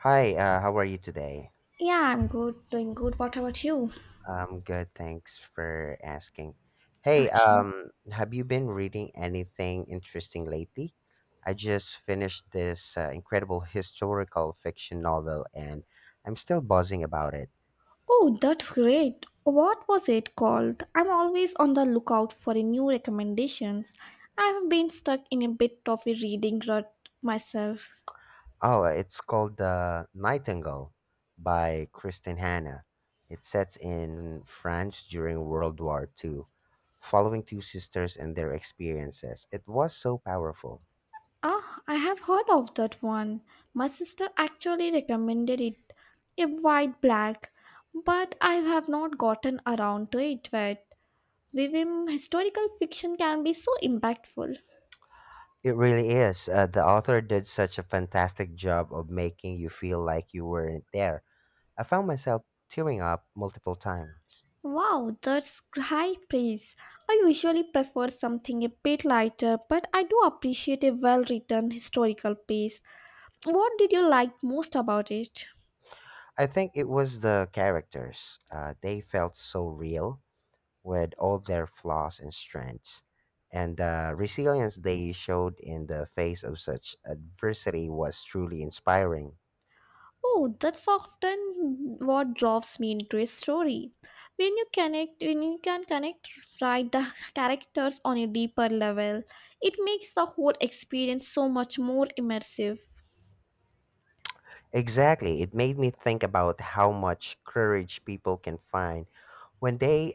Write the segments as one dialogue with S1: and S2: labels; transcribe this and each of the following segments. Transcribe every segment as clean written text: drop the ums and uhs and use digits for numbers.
S1: Hi, how are you today?
S2: Yeah, I'm good, doing good. What about you?
S1: I'm good, thanks for asking. Hey,
S2: Okay.
S1: have you been reading anything interesting lately? I just finished this incredible historical fiction novel and I'm still buzzing about it.
S2: Oh, that's great. What was it called? I'm always on the lookout for a new recommendations. I've been stuck in a bit of a reading rut myself.
S1: Oh, it's called The Nightingale by Kristen Hanna. It sets in France during World War II, following two sisters and their experiences. It was so powerful.
S2: Ah, I have heard of that one. My sister actually recommended it, a white black, but I have not gotten around to it yet. Vivim, historical fiction can be so impactful.
S1: It really is. The author did such a fantastic job of making you feel like you weren't there. I found myself tearing up multiple times.
S2: Wow, that's high praise. I usually prefer something a bit lighter, but I do appreciate a well written historical piece. What did you like most about it?
S1: I think it was the characters. They felt so real with all their flaws and strengths. And the resilience they showed in the face of such adversity was truly inspiring.
S2: Oh, that's often what draws me into a story. When you connect, when you can connect right the characters on a deeper level, it makes the whole experience so much more immersive.
S1: Exactly, it made me think about how much courage people can find when they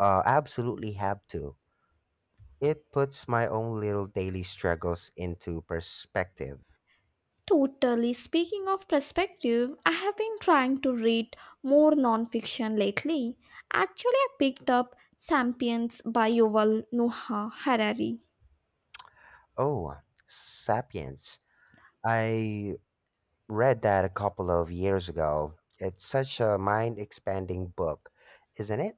S1: absolutely have to. It puts my own little daily struggles into perspective.
S2: Totally. Speaking of perspective, I have been trying to read more nonfiction lately. Actually, I picked up Sapiens by Yuval Noah Harari.
S1: Oh, Sapiens. I read that a couple of years ago. It's such a mind expanding book, isn't it?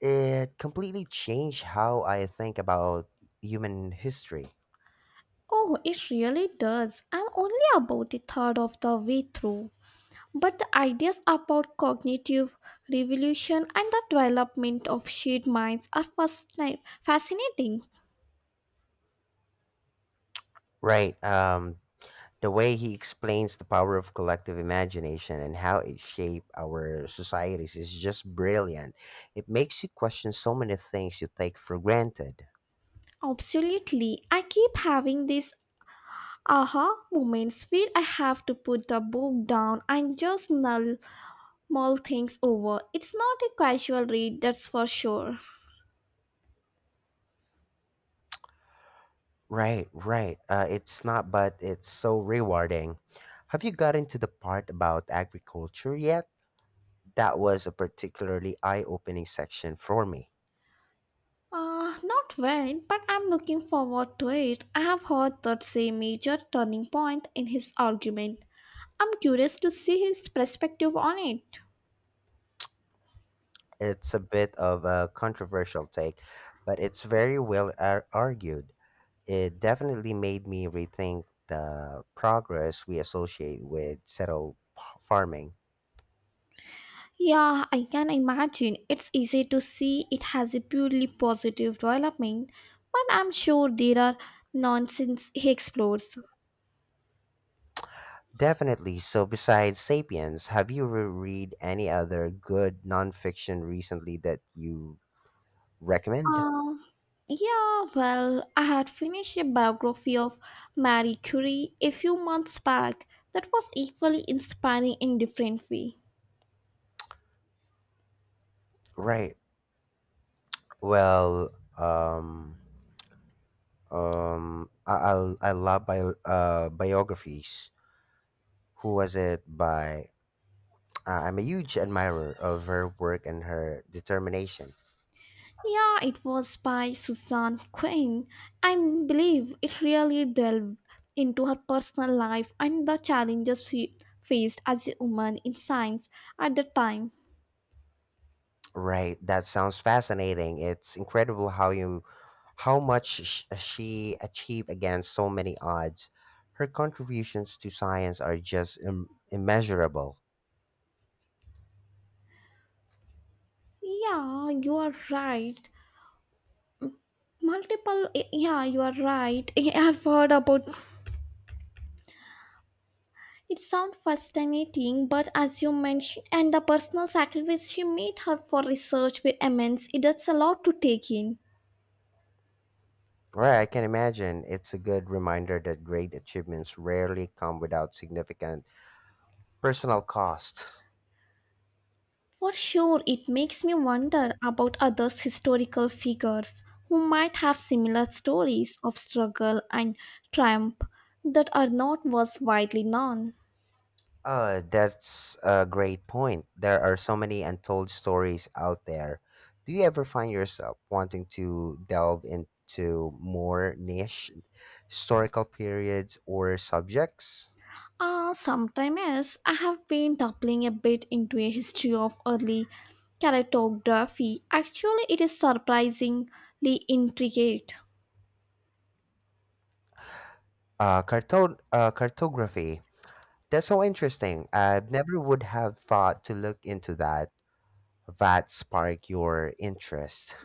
S1: It completely changed how I think about human history.
S2: Oh, it really does. I'm only about a third of the way through. But the ideas about cognitive revolution and the development of shared minds are fascinating.
S1: Right. The way he explains the power of collective imagination and how it shapes our societies is just brilliant. It makes you question so many things you take for granted.
S2: Absolutely. I keep having these aha moments where I have to put the book down and just null mull things over. It's not a casual read, that's for sure.
S1: Right, right. It's not, but it's so rewarding. Have you gotten to the part about agriculture yet? That was a particularly eye opening section for me.
S2: Not when, but I'm looking forward to it. I have heard that's a major turning point in his argument. I'm curious to see his perspective on it.
S1: It's a bit of a controversial take, but it's very well argued. It definitely made me rethink the progress we associate with settled farming.
S2: Yeah, I can imagine. It's easy to see it has a purely positive development, but I'm sure there are nonsense he explores.
S1: Definitely. So, besides Sapiens, have you read any other good nonfiction recently that you recommend?
S2: Um, yeah, well, I had finished a biography of Marie Curie a few months back that was equally inspiring in different way.
S1: Right. Well, um, I love biographies. Who was it by? I'm a huge admirer of her work and her determination.
S2: Yeah, it was by Susan Quinn. I believe it really delved into her personal life and the challenges she faced as a woman in science at the time.
S1: Right, that sounds fascinating. It's incredible how much she achieved against so many odds. Her contributions to science are just immeasurable.
S2: Yeah, you are right. Multiple, yeah, you are right. I've heard about it sounds fascinating, but as you mentioned, and the personal sacrifice she made her for research were immense. It is a lot to take in.
S1: Right, I can imagine. It's a good reminder that great achievements rarely come without significant personal cost.
S2: For sure, it makes me wonder about other historical figures who might have similar stories of struggle and triumph that are not was widely known.
S1: That's a great point. There are so many untold stories out there. Do you ever find yourself wanting to delve into more niche historical periods or subjects?
S2: Ah, sometime else, I have been dabbling a bit into a history of early cartography. Actually, it is surprisingly intricate.
S1: Cartography. That's so interesting. I never would have thought to look into that. That spark your interest.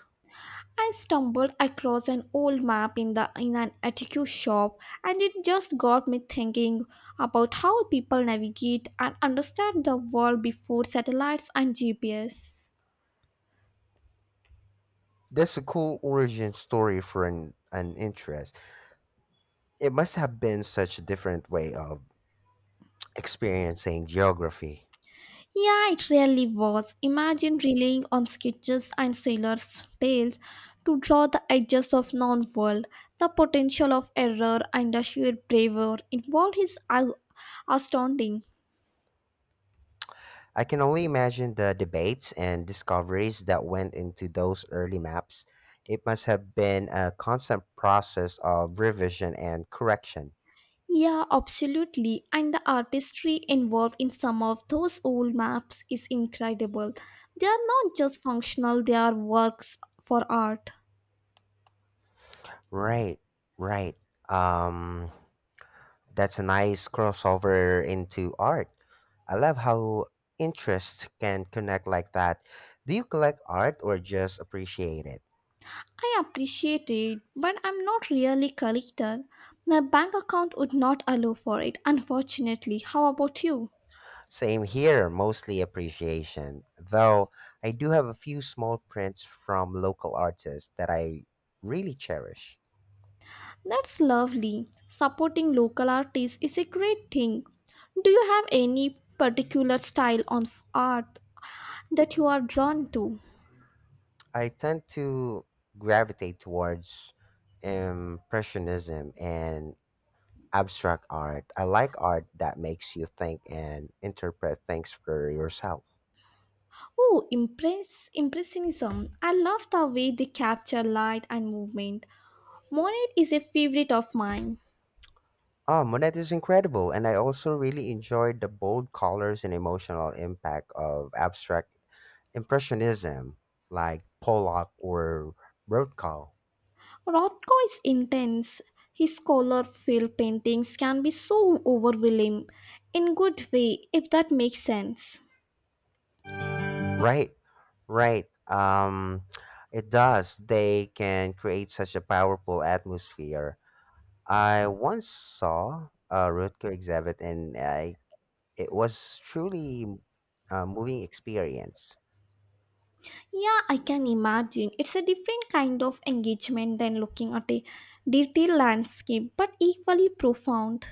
S2: I stumbled across an old map in the in an antique shop and it just got me thinking about how people navigate and understand the world before satellites and GPS.
S1: That's a cool origin story for an interest. It must have been such a different way of experiencing geography.
S2: Yeah, it really was. Imagine relying on sketches and sailors' tales to draw the edges of known world. The potential of error and the sheer bravery involved is astounding.
S1: I can only imagine the debates and discoveries that went into those early maps. It must have been a constant process of revision and correction.
S2: Yeah, absolutely. And the artistry involved in some of those old maps is incredible. They are not just functional, they are works for art.
S1: Right, right. Um, That's a nice crossover into art. I love how interests can connect like that. Do you collect art or just appreciate it?
S2: I appreciate it, but I'm not really a collector. My bank account would not allow for it, unfortunately. How about you?
S1: Same here, mostly appreciation. Though I do have a few small prints from local artists that I really cherish.
S2: That's lovely. Supporting local artists is a great thing. Do you have any particular style of art that you are drawn to?
S1: I tend to gravitate towards impressionism and abstract art. I like art that makes you think and interpret things for yourself.
S2: Oh, impressionism. I love the way they capture light and movement. Monet is a favorite of mine.
S1: Ah, Monet is incredible, and I also really enjoyed the bold colors and emotional impact of abstract impressionism, like Pollock or Rothko.
S2: Rothko is intense. His color-filled paintings can be so overwhelming in good way if that makes sense.
S1: Right, right. It does. They can create such a powerful atmosphere. I once saw a Rothko exhibit, and it was truly a moving experience.
S2: Yeah, I can imagine. It's a different kind of engagement than looking at a detailed landscape but equally profound.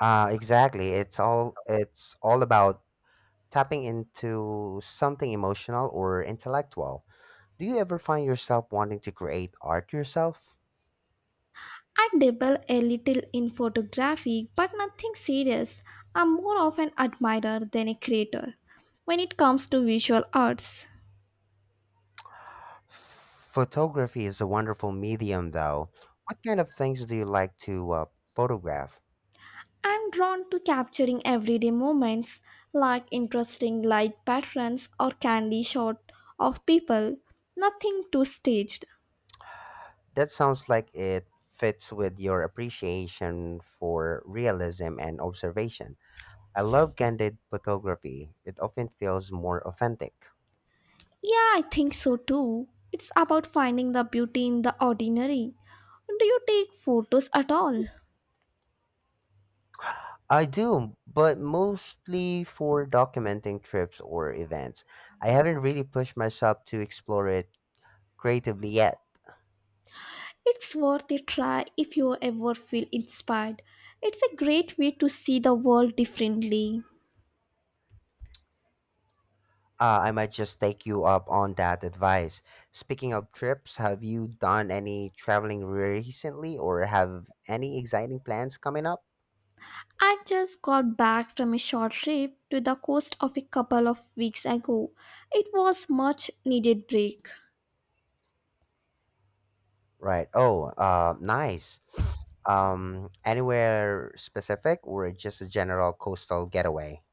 S1: Exactly. It's all about tapping into something emotional or intellectual. Do you ever find yourself wanting to create art yourself?
S2: I dabble a little in photography, but nothing serious. I'm more of an admirer than a creator. When it comes to visual arts,
S1: Photography is a wonderful medium, though. What kind of things do you like to photograph?
S2: I'm drawn to capturing everyday moments like interesting light patterns or candy shot of people. Nothing too staged.
S1: That sounds like it fits with your appreciation for realism and observation. I love candid photography, it often feels more authentic.
S2: Yeah, I think so too. It's about finding the beauty in the ordinary. Do you take photos at all?
S1: I do, but mostly for documenting trips or events. I haven't really pushed myself to explore it creatively yet.
S2: It's worth a try if you ever feel inspired. It's a great way to see the world differently.
S1: I might just take you up on that advice. Speaking of trips, have you done any traveling recently or have any exciting plans coming up?
S2: I just got back from a short trip to the coast of a couple of weeks ago. It was much needed break.
S1: Right. Oh, nice. Anywhere specific or just a general coastal getaway?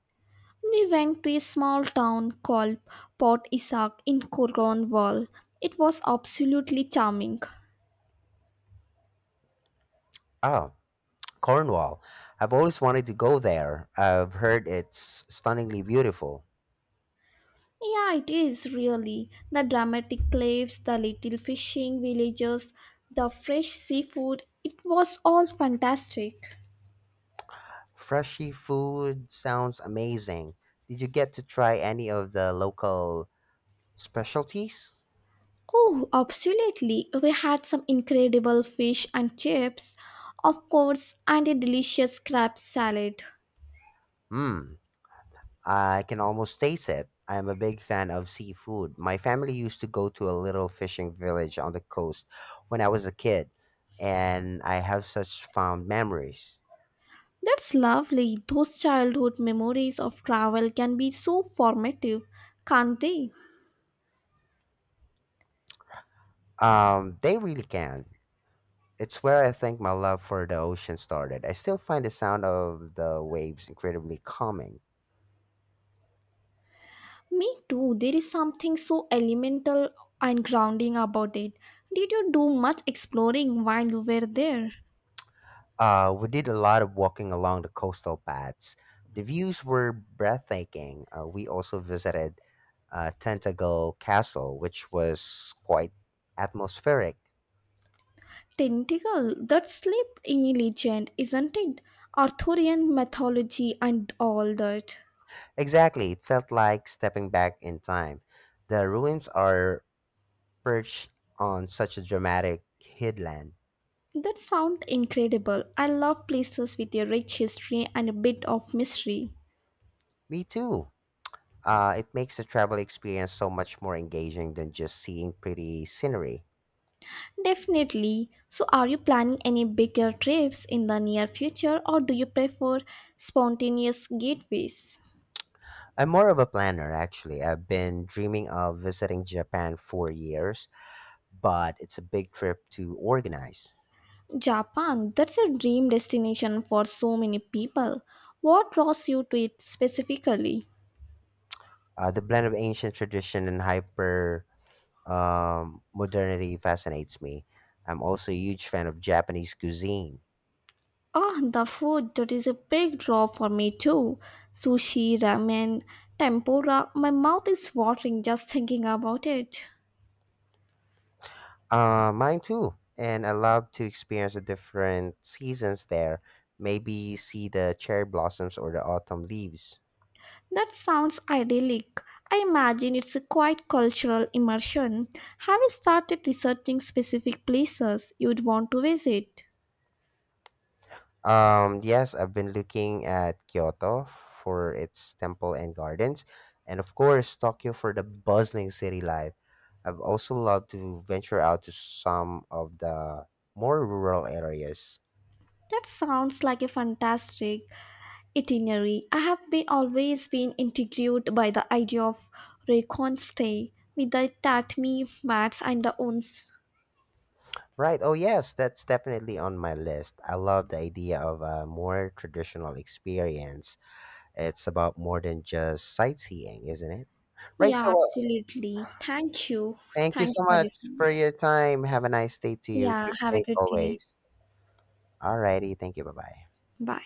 S2: We went to a small town called Port Isaac in Cornwall. It was absolutely charming.
S1: Oh, Cornwall. I've always wanted to go there. I've heard it's stunningly beautiful.
S2: Yeah, it is really. The dramatic cliffs, the little fishing villages, the fresh seafood, it was all fantastic.
S1: Freshy food sounds amazing. Did you get to try any of the local specialties?
S2: Oh, absolutely. We had some incredible fish and chips, of course, and a delicious crab salad.
S1: Hmm, I can almost taste it. I'm a big fan of seafood. My family used to go to a little fishing village on the coast when I was a kid, and I have such fond memories.
S2: That's lovely. Those childhood memories of travel can be so formative, can't they?
S1: They really can. It's where I think my love for the ocean started. I still find the sound of the waves incredibly calming.
S2: Me too. There is something so elemental and grounding about it. Did you do much exploring while you were there?
S1: We did a lot of walking along the coastal paths. The views were breathtaking. We also visited Tentacle Castle, which was quite atmospheric.
S2: Tentacle, that sleep in legend, isn't it? Arthurian mythology and all that.
S1: Exactly, it felt like stepping back in time. The ruins are perched on such a dramatic headland.
S2: That sounds incredible. I love places with a rich history and a bit of mystery.
S1: Me too. It makes the travel experience so much more engaging than just seeing pretty scenery.
S2: Definitely. So, are you planning any bigger trips in the near future or do you prefer spontaneous gateways?
S1: I'm more of a planner, actually. I've been dreaming of visiting Japan for years, but it's a big trip to organize.
S2: Japan, that's a dream destination for so many people. What draws you to it specifically?
S1: The blend of ancient tradition and hyper modernity fascinates me. I'm also a huge fan of Japanese cuisine.
S2: Ah, the food, that is a big draw for me too. Sushi, ramen, tempura, my mouth is watering just thinking about it.
S1: Mine too. And I love to experience the different seasons there. Maybe see the cherry blossoms or the autumn leaves.
S2: That sounds idyllic. I imagine it's a quite cultural immersion. Have you started researching specific places you'd want to visit?
S1: Yes, I've been looking at Kyoto for its temple and gardens, and of course, Tokyo for the bustling city life. I've also loved to venture out to some of the more rural areas.
S2: That sounds like a fantastic itinerary. I have been always been intrigued by the idea of recon stay with the tatami mats and the owns.
S1: Right, oh yes, that's definitely on my list. I love the idea of a more traditional experience. It's about more than just sightseeing, isn't it? Right, so
S2: Yeah,
S1: uh,
S2: absolutely. Thank you.
S1: thank you
S2: Thank
S1: so
S2: you for
S1: much
S2: this
S1: for
S2: conversation.
S1: your time. Have a nice day to you.
S2: Yeah,
S1: Keep
S2: have a
S1: safe
S2: good day.
S1: always. Alrighty, thank you. Bye bye.
S2: Bye.